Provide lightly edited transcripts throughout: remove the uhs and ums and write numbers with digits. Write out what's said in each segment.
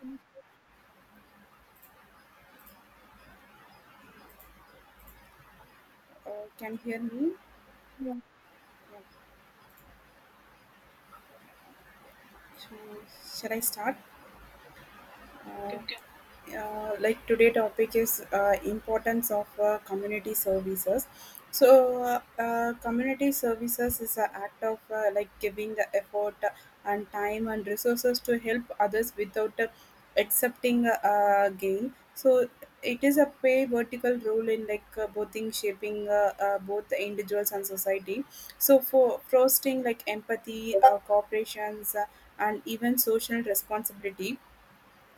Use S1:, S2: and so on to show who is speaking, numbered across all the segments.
S1: Yes.
S2: Uh, can you hear me?
S1: Yes.
S2: Yeah. So, shall I start? Uh, like today topic is importance of community services. So community services is an act of like giving the effort and time and resources to help others without accepting a gain. So it is a play vertical role in like both in shaping both the individuals and society, so for fostering like empathy, cooperations, and even social responsibility.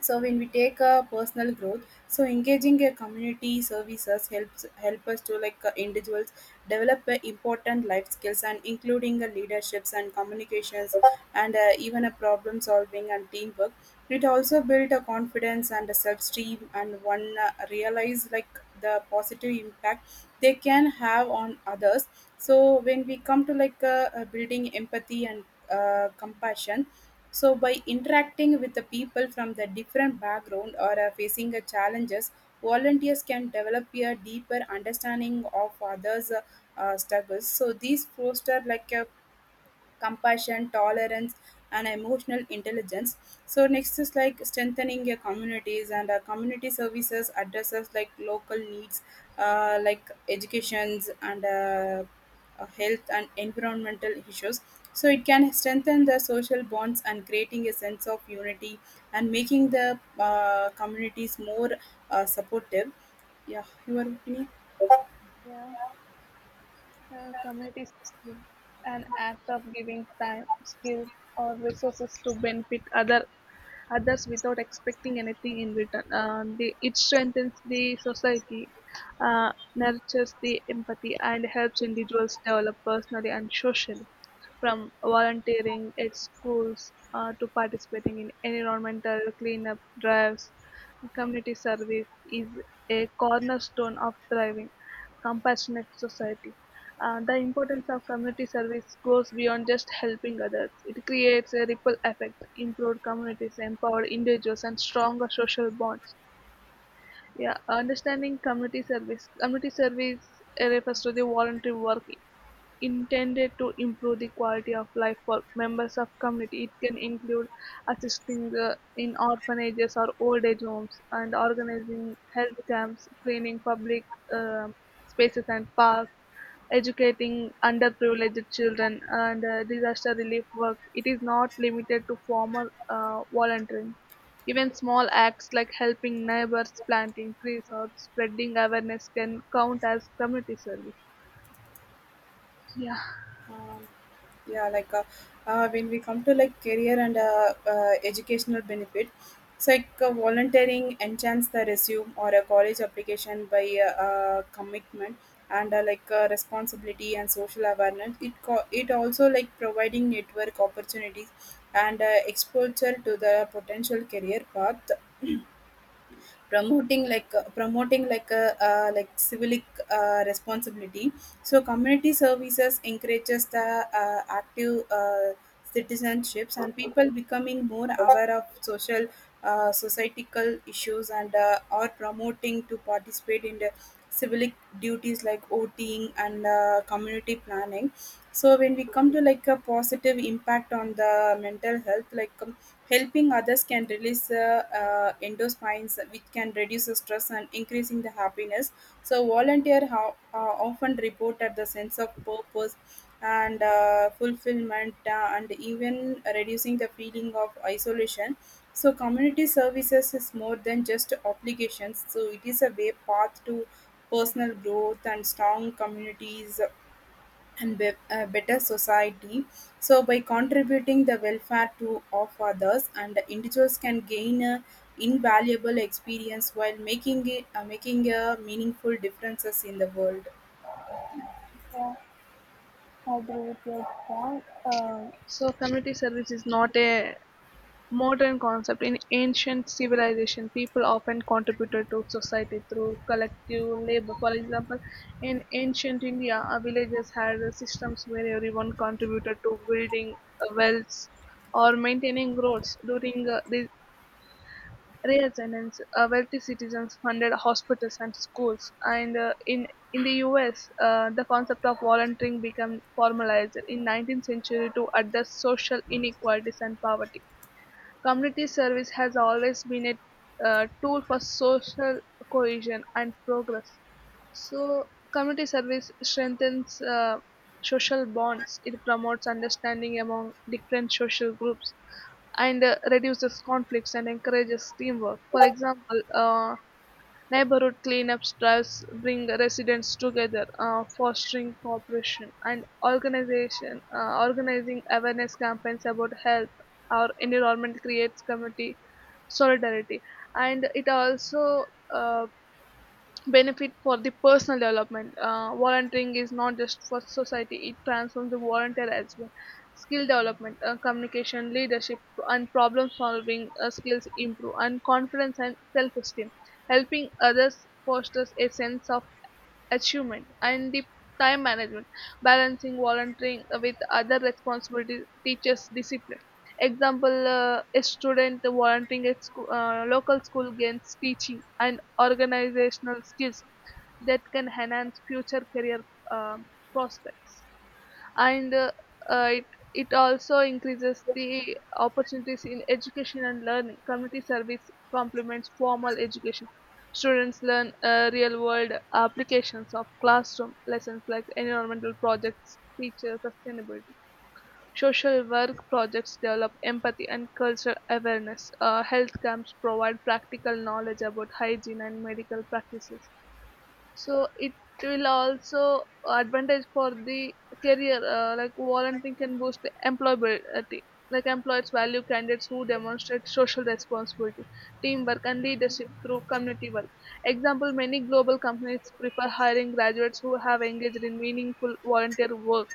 S2: So when we take a personal growth, so engaging a community services helps help us to like individuals develop important life skills and including leaderships and communications and even a problem solving and teamwork. It also build a confidence and a self-esteem and one realize like the positive impact they can have on others. So when we come to like building empathy and compassion, so by interacting with the people from the different background or facing the challenges, volunteers can develop a deeper understanding of others' struggles. So these foster like a compassion, tolerance, and emotional intelligence. So next is like strengthening your communities, and community services addresses like local needs, like educations and health and environmental issues. So it can strengthen the social bonds and creating a sense of unity and making the communities more supportive. Yeah, your opinion.
S1: Yeah, community is an act of giving time, skills, or resources to benefit others without expecting anything in return. It strengthens the society, nurtures the empathy, and helps individuals develop personally and socially. From volunteering at schools to participating in environmental cleanup drives, community service is a cornerstone of thriving, compassionate society. The importance of community service goes beyond just helping others. It creates a ripple effect, improved communities, empowered individuals, and stronger social bonds. Yeah, understanding community service. Community service refers to the voluntary work intended to improve the quality of life for members of community. It can include assisting in orphanages or old age homes, and organizing health camps, cleaning public um spaces and parks, educating underprivileged children and disaster relief work. It is not limited to formal volunteering. Even small acts like helping neighbors, planting trees, or spreading awareness can count as community service. Yeah,
S2: Um, yeah, like when we come to like career and educational benefit, it's like volunteering enchants the resume or a college application by commitment and like responsibility and social awareness. It it also like providing network opportunities and exposure to the potential career path, promoting like a like civic responsibility. So community services encourages the active citizenships, and people becoming more aware of social societal issues and are promoting to participate in the civic duties like voting and community planning. So when we come to like a positive impact on the mental health, like helping others can release endorphins, which can reduce the stress and increasing the happiness. So often reported the sense of purpose and fulfillment, and even reducing the feeling of isolation. So community services is more than just obligations. So it is a way path to personal growth and strong communities and a better society. So, by contributing the welfare to of others, and the individuals can gain a invaluable experience while making a meaningful differences in the world.
S1: yeah, I agree with your point. So community service is not a modern concept. In ancient civilization, people often contributed to society through collective labor. For example, in ancient India, villages had systems where everyone contributed to building wells or maintaining roads. During the Renaissance, wealthy citizens funded hospitals and schools. And in the U.S., the concept of volunteering became formalized in 19th century to address social inequalities and poverty. Community service has always been a tool for social cohesion and progress. So, community service strengthens social bonds. It promotes understanding among different social groups and reduces conflicts and encourages teamwork. For example, neighborhood cleanups drives bring residents together, fostering cooperation and organization. Organizing awareness campaigns about health or environment creates community solidarity, and it also uh, benefit for the personal development. Volunteering is not just for society, it transforms the volunteer as well. Skill development, communication, leadership, and problem solving skills improve, and confidence and self esteem. Helping others fosters a sense of achievement and the time management. Balancing volunteering with other responsibilities teaches discipline. Example, a student volunteering at local school gains teaching and organizational skills that can enhance future career um prospects, and uh, it it also increases the opportunities in education and learning. Community service complements formal education. Students learn real world applications of classroom lessons, like environmental projects teacher sustainability. Social work projects develop empathy and cultural awareness. Health camps provide practical knowledge about hygiene and medical practices. So it will also advantage for the career. Like, volunteering can boost the employability. Like, employers value candidates who demonstrate social responsibility, teamwork, and leadership through community work. Example, many global companies prefer hiring graduates who have engaged in meaningful volunteer work.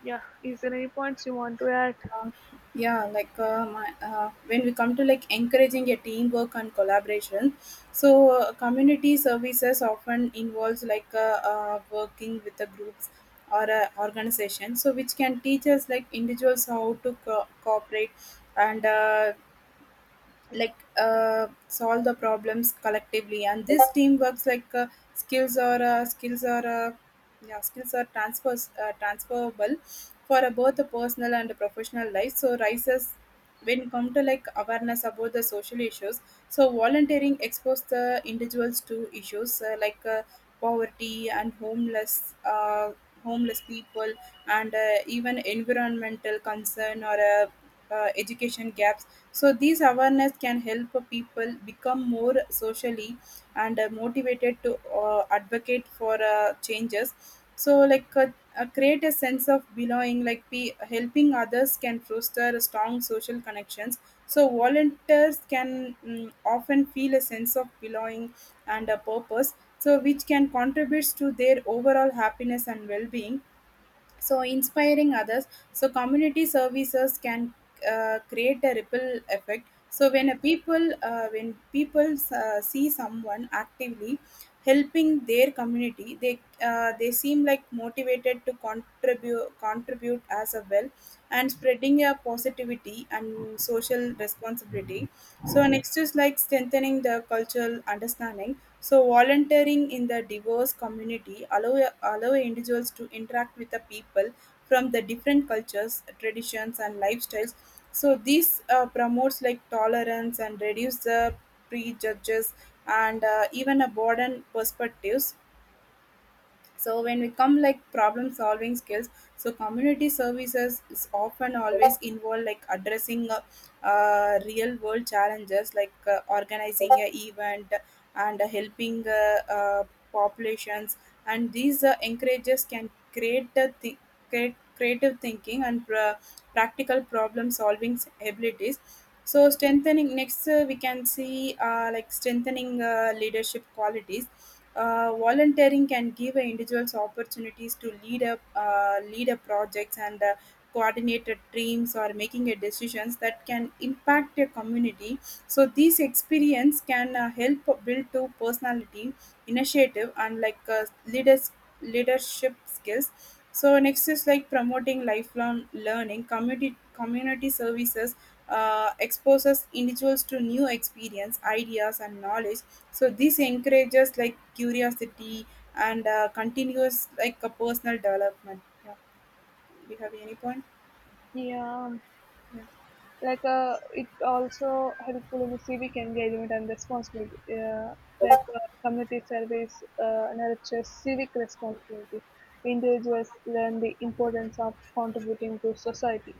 S1: Yeah, is there any points you want to add?
S2: Uh, yeah, like when we come to like encouraging a teamwork and collaboration, so community services often involves like working with the groups or organization, so which can teach us like individuals how to cooperate and like solve the problems collectively. And this teamwork's like skills are yeah skills are transfers transferable for both the personal and the professional life. So rises when it come to like awareness about the social issues, so volunteering expose the individuals to issues, like poverty and homeless people and even environmental concern or education gaps. So these awareness can help people become more socially and motivated to advocate for changes. So like create a sense of belonging. Helping others can foster strong social connections. So volunteers can often feel a sense of belonging and a purpose. So which can contributes to their overall happiness and well-being. So inspiring others, so community services can create a ripple effect. So when people see someone actively helping their community, they seem like motivated to contribute as a well and spreading a positivity and social responsibility. So next is like strengthening the cultural understanding, so volunteering in the diverse community allow individuals to interact with the people from the different cultures, traditions, and lifestyles. So this promotes like tolerance and reduce the prejudges and even a broaden perspectives. So when we come like problem solving skills, so community services is often always involved like addressing real world challenges like organizing a event and helping populations. And these encourages can create creative thinking and practical problem solving abilities. So strengthening next, we can see like strengthening leadership qualities. Volunteering can give individuals opportunities to lead up projects and coordinate a teams or making a decisions that can impact a community. So these experience can help build to personality initiative and like leadership skills. So next is like promoting lifelong learning. Community services exposes individuals to new experience ideas and knowledge. So this encourages like curiosity and continuous like a personal development. Yeah. Do you have any point?
S1: Yeah,
S2: Yeah.
S1: like it also helpful in civic engagement and responsibility. Like, community service nurtures civic responsibility. Individuals learn the importance of contributing to society,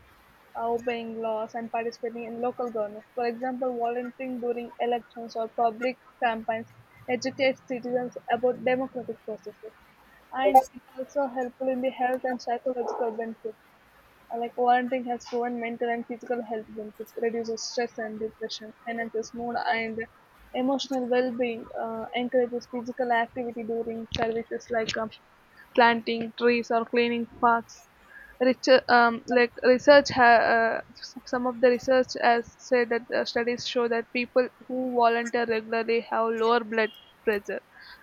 S1: obeying laws, and participating in local government. For example, volunteering during elections or public campaigns educates citizens about democratic processes. And it also helpful in the health and psychological benefits. Like, volunteering has proven mental and physical health benefits, reduces stress and depression, enhances mood and emotional well-being, encourages physical activity during services like planting trees or cleaning parks. Like, some of the research has said that studies show that people who volunteer regularly have lower blood pressure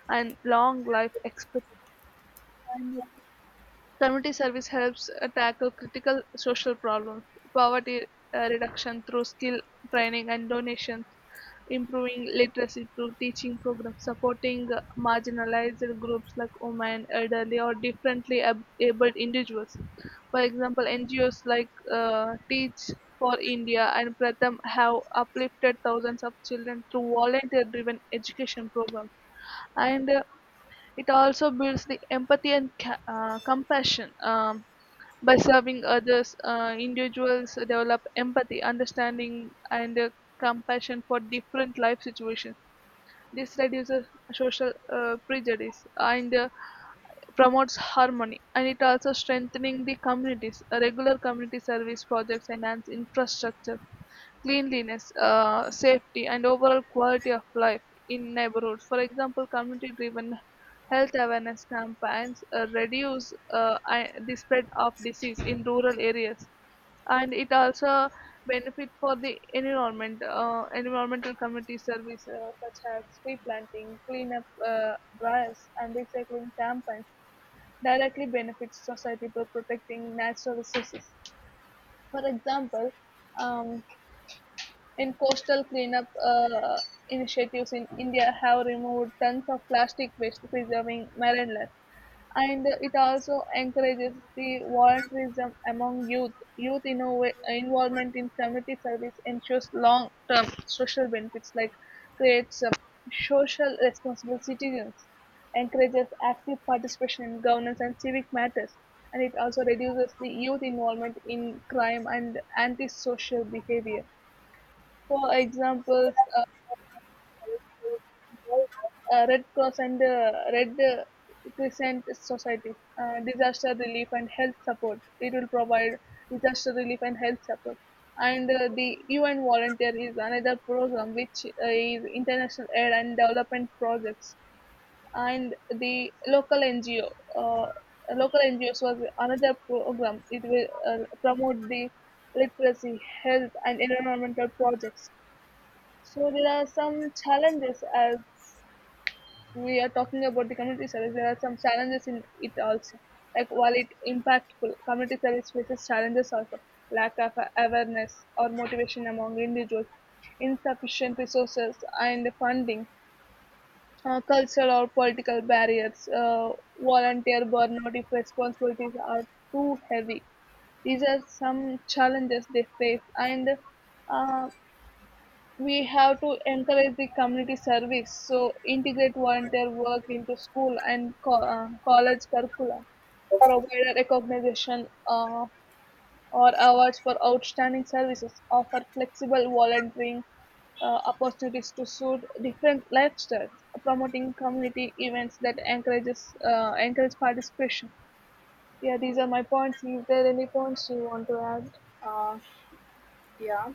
S1: and long life expectancy. Community service helps tackle critical social problems: poverty reduction through skill training and donations, improving literacy through teaching programs, supporting marginalized groups like women, elderly, or differently abled individuals. For example, NGOs like Teach for India and Pratham have uplifted thousands of children through volunteer driven education programs. And it also builds the empathy and compassion. By serving others, individuals develop empathy, understanding, and compassion for different life situations. This reduces social prejudice and promotes harmony, and it also strengthening the communities. Regular community service projects enhance infrastructure, cleanliness, safety, and overall quality of life in neighborhoods. For example, community-driven health awareness campaigns reduce the spread of disease in rural areas, and it also benefit for the environment. Environmental community service, such as tree planting, cleanup drives, and recycling campaigns, directly benefits society by protecting natural resources. For example, um, in coastal cleanup initiatives in India have removed tons of plastic waste, preserving marine life. And it also encourages the volunteerism among youth. Youth involvement in community service ensures long-term social benefits, like creates social responsible citizens, encourages active participation in governance and civic matters, and it also reduces the youth involvement in crime and antisocial behavior. For examples, Red Cross and Red Crescent societies, disaster relief and health support. It will provide disaster relief and health support. And the UN Volunteer is another program which is international aid and development projects. And the local NGOs was another program. It will promote the literacy, health, and environmental projects. So there are some challenges. As we are talking about the community service, there are some challenges in it also. Like, while it impactful, community service faces challenges also: lack of awareness or motivation among individuals, insufficient resources and funding, cultural or political barriers, volunteer burnout if responsibilities are too heavy. These are some challenges they face, and uh, we have to encourage the community service, so integrate volunteer work into school and college curricula. Provide a recognition or awards for outstanding services. Offer flexible volunteering opportunities to suit different lifestyles. Promoting community events that encourage participation. Yeah, these are my points. Is there any points you want to add?
S2: Uh, yeah.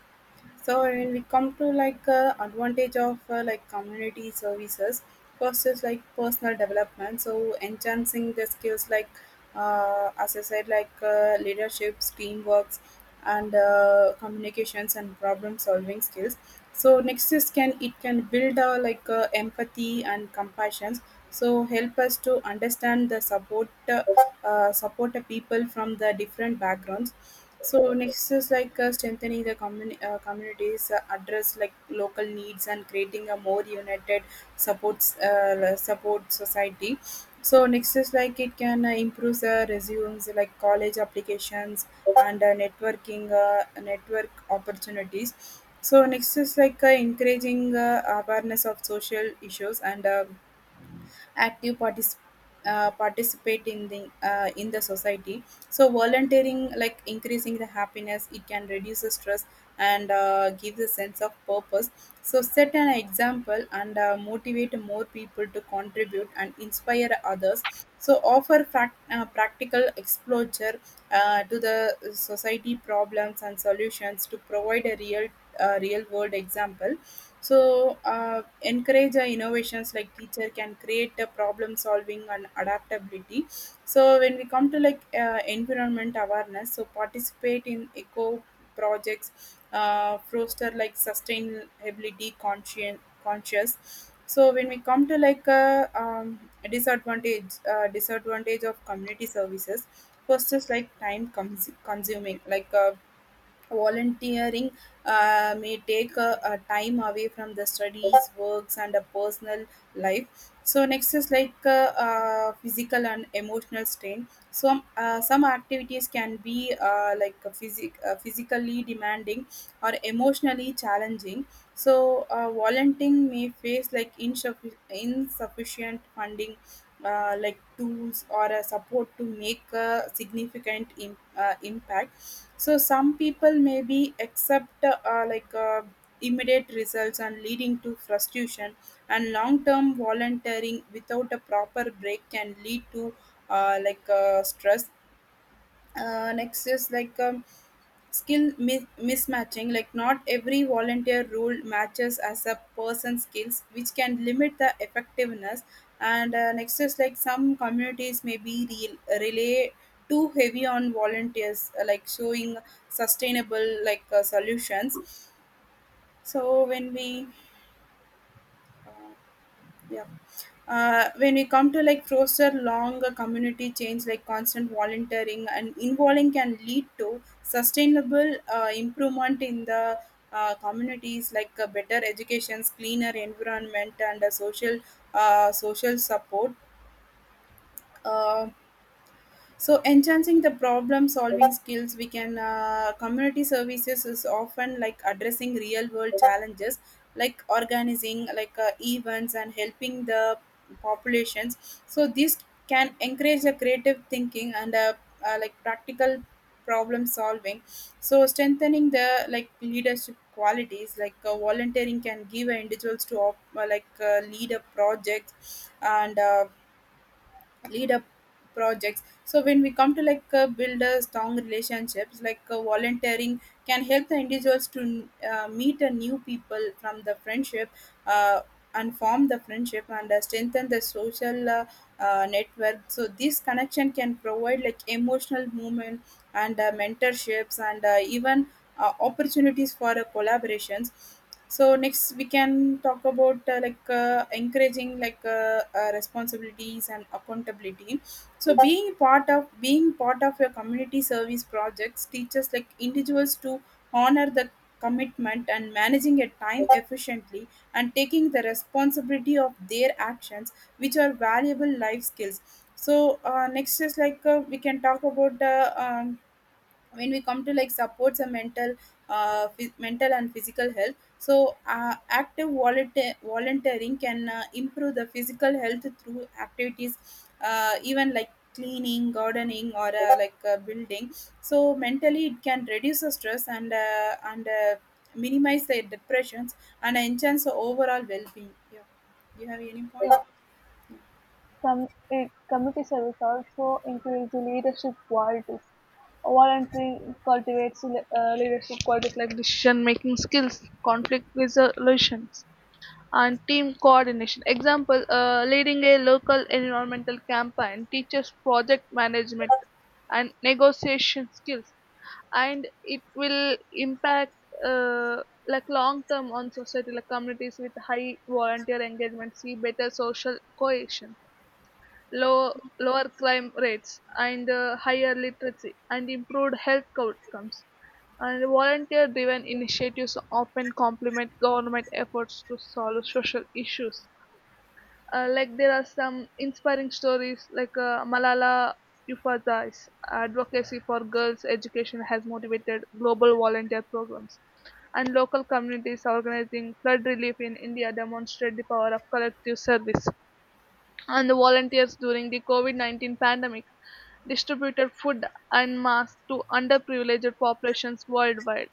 S2: So when we come to like advantage of like community services, first is like personal development. So enhancing the skills, like as I said, like leadership, teamworks, and communications and problem solving skills. So next is can it can build like empathy and compassion, so help us to understand the support the people from the different backgrounds. So next is like strengthening the communities, address like local needs and creating a more united support society. So next is like it can improve the resumes like college applications and network opportunities. So next is like encouraging awareness of social issues and active participate in the society. So volunteering like increasing the happiness, it can reduce the stress and gives a sense of purpose. So set an example and motivate more people to contribute and inspire others. So offer practical exposure to the society problems and solutions to provide a real world example. So encourage innovations like teacher can create a problem solving and adaptability. So when we come to like environment awareness, so participate in eco projects, foster like sustainability conscious. So when we come to like disadvantage disadvantage of community services, first is like consuming, like volunteering may take a time away from the studies works and a personal life. So next is like physical and emotional strain. Some Some activities can be like a physically demanding or emotionally challenging. So volunteering may face like insufficient funding, like tools or a support to make a significant impact. So some people maybe accept like immediate results and leading to frustration. And long-term volunteering without a proper break can lead to like stress. Next is like mismatching, like not every volunteer role matches as a person's skills which can limit the effectiveness. And next is like some communities may be relay too heavy on volunteers, like showing sustainable like solutions. So when we uh, yeah when we come to like closer, long community change, like constant volunteering and involving can lead to sustainable improvement in the communities, like better educations cleaner environment and social support. Uh, so, enhancing the problem solving skills, we can community services is often like addressing real world challenges, like organizing like events and helping the populations. So, this can encourage the creative thinking and like practical problem solving. So, strengthening the like leadership qualities, like volunteering can give individuals to like lead a project and lead up projects. So when we come to like build a strong relationships, like volunteering can help the individuals to meet a new people from the friendship uh, and form the friendship and strengthen the social network. So this connection can provide like emotional movement and mentorships and even opportunities for collaborations. So next we can talk about like encouraging like responsibilities and accountability. So being part of your community service projects teaches like individuals to honor the commitment and managing your time efficiently and taking the responsibility of their actions, which are valuable life skills. So next is like we can talk about the um when we come to like supports and mental mental and physical health. So active volunteer- volunteering can improve the physical health through activities, even like cleaning gardening or like building. So mentally it can reduce the stress and minimize the depressions and enhance the overall well-being. Yeah. Do you have any point?
S1: Yeah. Com- Community service also includes the leadership qualities. Volunteering cultivates leadership qualities like decision making skills, conflict resolutions, and team coordination. Example, leading a local environmental campaign teaches project management and negotiation skills, and it will impact, uh, like, long term on society. Like, communities with high volunteer engagement see better social cohesion, low, lower crime rates, and higher literacy and improved health outcomes. And volunteer driven initiatives often complement government efforts to solve social issues. Like, there are some inspiring stories, like Malala Yousafzai's advocacy for girls' education has motivated global volunteer programs, and local communities organizing flood relief in India demonstrate the power of collective service, and the volunteers during the COVID-19 pandemic distributed food and masks to underprivileged populations worldwide.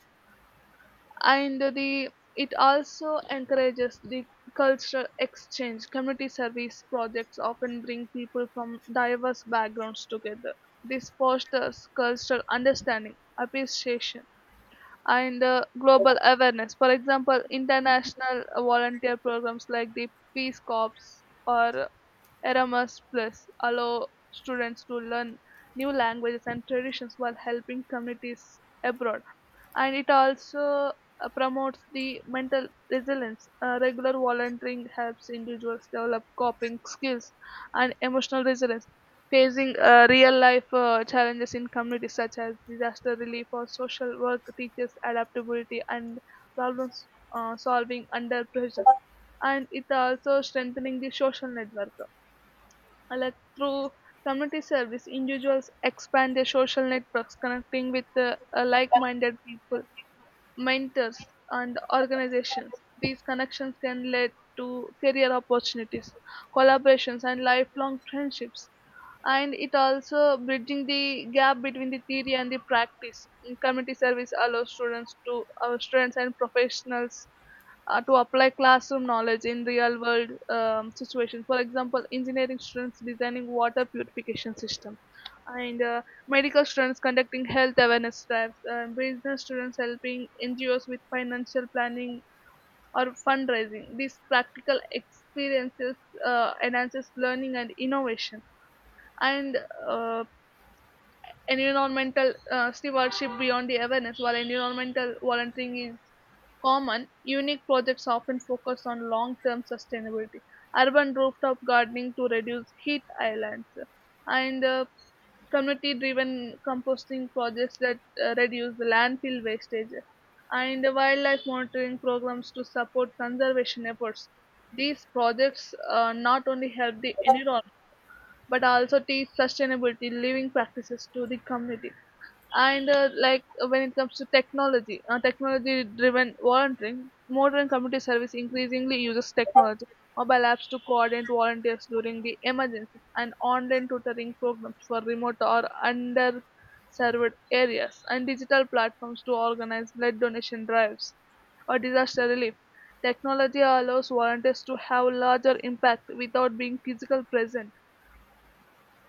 S1: And the it also encourages the cultural exchange. Community service projects often bring people from diverse backgrounds together. This fosters cultural understanding, appreciation, and global awareness. For example, international volunteer programs like the Peace Corps or Erasmus Plus allow students to learn new languages and traditions while helping communities abroad. And it also promotes the mental resilience. Regular volunteering helps individuals develop coping skills and emotional resilience, facing real life challenges in communities such as disaster relief or social work, teaches adaptability and problem solving under pressure. And it also strengthening the social network. Like, through community service, individuals expand their social networks, connecting with like-minded people, mentors, and organizations. These connections can lead to career opportunities, collaborations, and lifelong friendships. And it also bridging the gap between the theory and the practice. In community service allows students to our students and professionals to apply classroom knowledge in real world situations. For example, engineering students designing water purification system, and medical students conducting health awareness drives, business students helping NGOs with financial planning or fundraising. These practical experiences enhances learning and innovation. And uh, environmental stewardship beyond the awareness. While environmental volunteering is common, unique projects often focus on long term sustainability. Urban rooftop gardening to reduce heat islands, and community driven composting projects that reduce the landfill wastage, and wildlife monitoring programs to support conservation efforts. These projects not only help the environment but also teach sustainability living practices to the community. And like, when it comes to technology, technology driven volunteering, modern community service increasingly uses technology: mobile apps to coordinate volunteers during the emergencies, and online tutoring programs for remote or underserved areas, and digital platforms to organize blood donation drives or disaster relief. Technology allows volunteers to have larger impact without being physically present,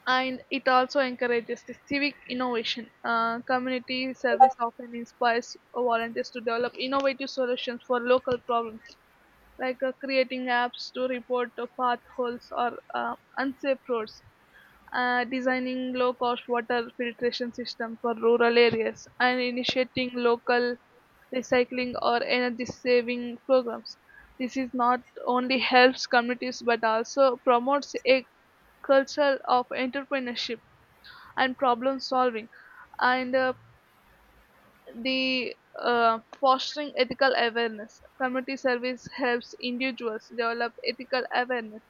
S1: and it also encourages the civic innovation. Community service often inspires volunteers to develop innovative solutions for local problems, like creating apps to report potholes or unsafe roads, designing low-cost water filtration systems for rural areas, and initiating local recycling or energy-saving programs. This is not only helps communities but also promotes a culture of entrepreneurship and problem solving. And uh, the uh, fostering ethical awareness, community service helps individuals develop ethical awareness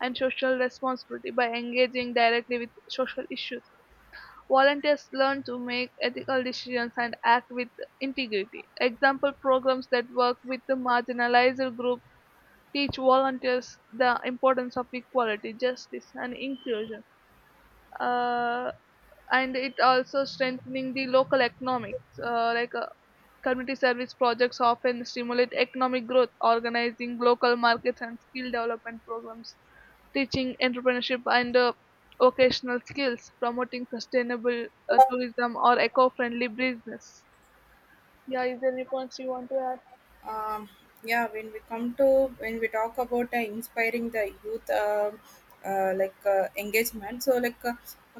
S1: and social responsibility by engaging directly with social issues. Volunteers learn to make ethical decisions and act with integrity. Example, programs that work with the marginalized group teach volunteers the importance of equality, justice, and inclusion. uh, and it also strengthening the local economics. Like, community service projects often stimulate economic growth: organizing local markets and skill development programs, teaching entrepreneurship and vocational skills, promoting sustainable tourism or eco-friendly business. Yeah, is there any points you want to add?
S2: um, yeah, when we come to when we talk about inspiring the youth, like engagement, so like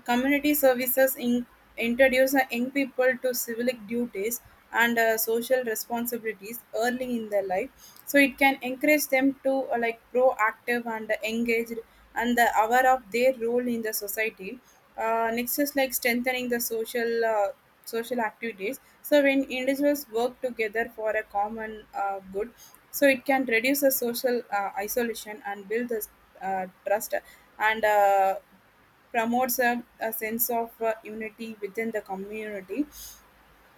S2: community services introduce young people to civic duties and social responsibilities early in their life. So it can encourage them to like proactive and engaged and the aware of their role in the society. Next is like strengthening the social social activities. So when individuals work together for a common good, so it can reduce the social isolation and build the trust and promotes a sense of unity within the community.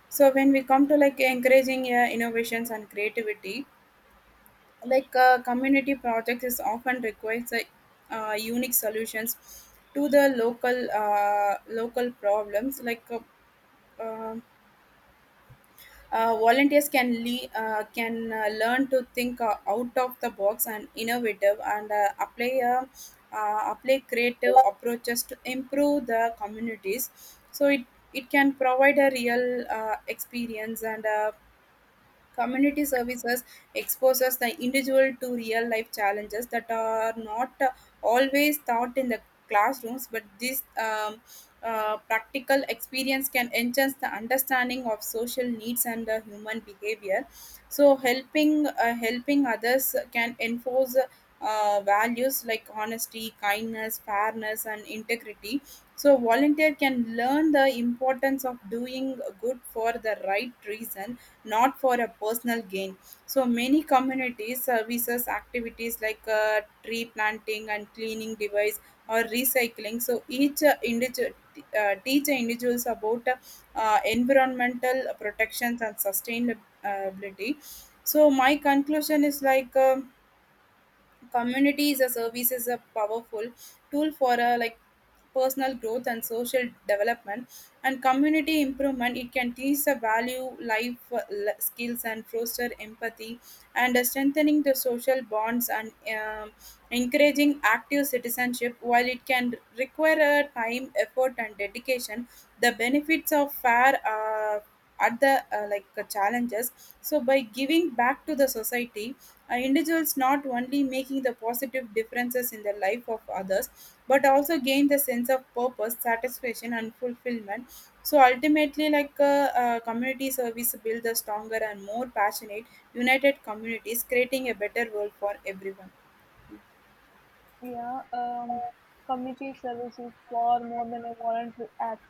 S2: So when we come to like encouraging innovations and creativity, like community projects is often requires unique solutions to the local problems, like um volunteers can learn to think out of the box and innovative and apply apply creative approaches to improve the communities. So it can provide a real experience. And community services exposes the individual to real life challenges that are not always taught in the classrooms, but this practical experience can enhance the understanding of social needs and human behavior. So, helping others can enforce values like honesty, kindness, fairness, and integrity. So, volunteer can learn the importance of doing good for the right reason, not for a personal gain. So many community services activities, like tree planting and cleaning device or recycling. So each individual teach individuals about environmental protections and sustainability. So my conclusion is like. Community is a service is a powerful tool for a like personal growth and social development and community improvement. It can teach the value life skills and foster empathy and strengthening the social bonds and um, encouraging active citizenship. While it can require a time effort and dedication, the benefits of fair at the like challenges. So by giving back to the society, individuals not only making the positive differences in the life of others but also gain the sense of purpose satisfaction and fulfillment. So ultimately, like community service build a stronger and more passionate united communities creating a better world for everyone.
S1: Yeah. Community service is far more than a voluntary act.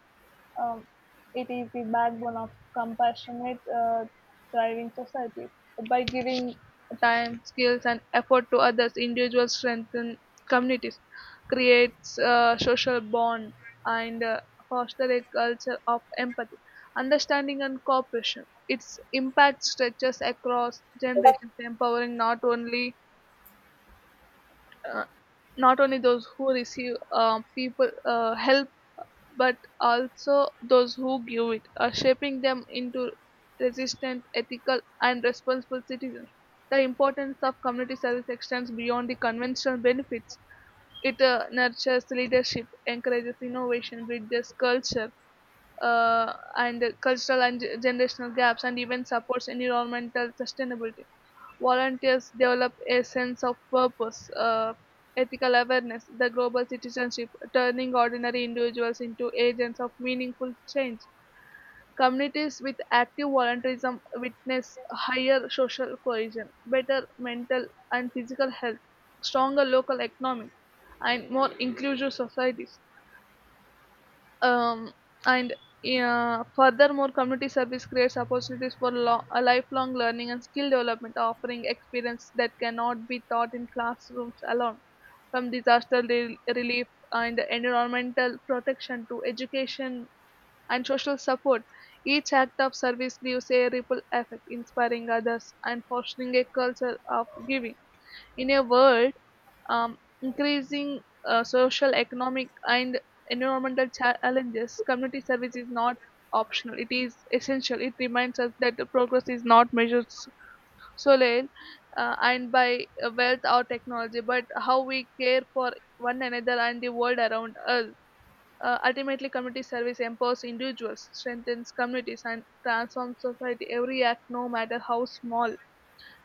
S1: Um, it is the backbone of compassionate, thriving societies. By giving time, skills, and effort to others, individuals strengthen communities, creates a social bond, and foster a culture of empathy, understanding, and cooperation. Its impact stretches across generations, empowering uh, not only those who receive people help, but also those who give it, shaping them into resistant, ethical, and responsible citizens. The importance of community service extends beyond the conventional benefits. It nurtures leadership, encourages innovation, bridges culture and cultural and generational gaps, and even supports environmental sustainability. Volunteers develop a sense of purpose, ethical awareness, the global citizenship, turning ordinary individuals into agents of meaningful change. Communities with active volunteerism witness higher social cohesion, better mental and physical health, stronger local economies, and more inclusive societies. Um, and Yeah, furthermore, community service creates opportunities for a lifelong learning and skill development, offering experience that cannot be taught in classrooms alone, from disaster relief and environmental protection to education and social support. Each act of service leaves a ripple effect, inspiring others and fostering a culture of giving. In a world increasing social, economic, and environmental challenges, community service is not optional. It is essential. It reminds us that the progress is not measured solely and by wealth or technology, but how we care for one another and the world around us. Ultimately, community service empowers individuals, strengthens communities, and transforms society. Every act, no matter how small,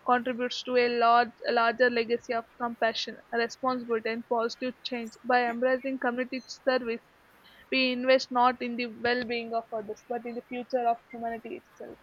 S1: contributes to a larger legacy of compassion, responsibility, and positive change. By embracing community service, we invest not in the well-being of others, but in the future of humanity itself.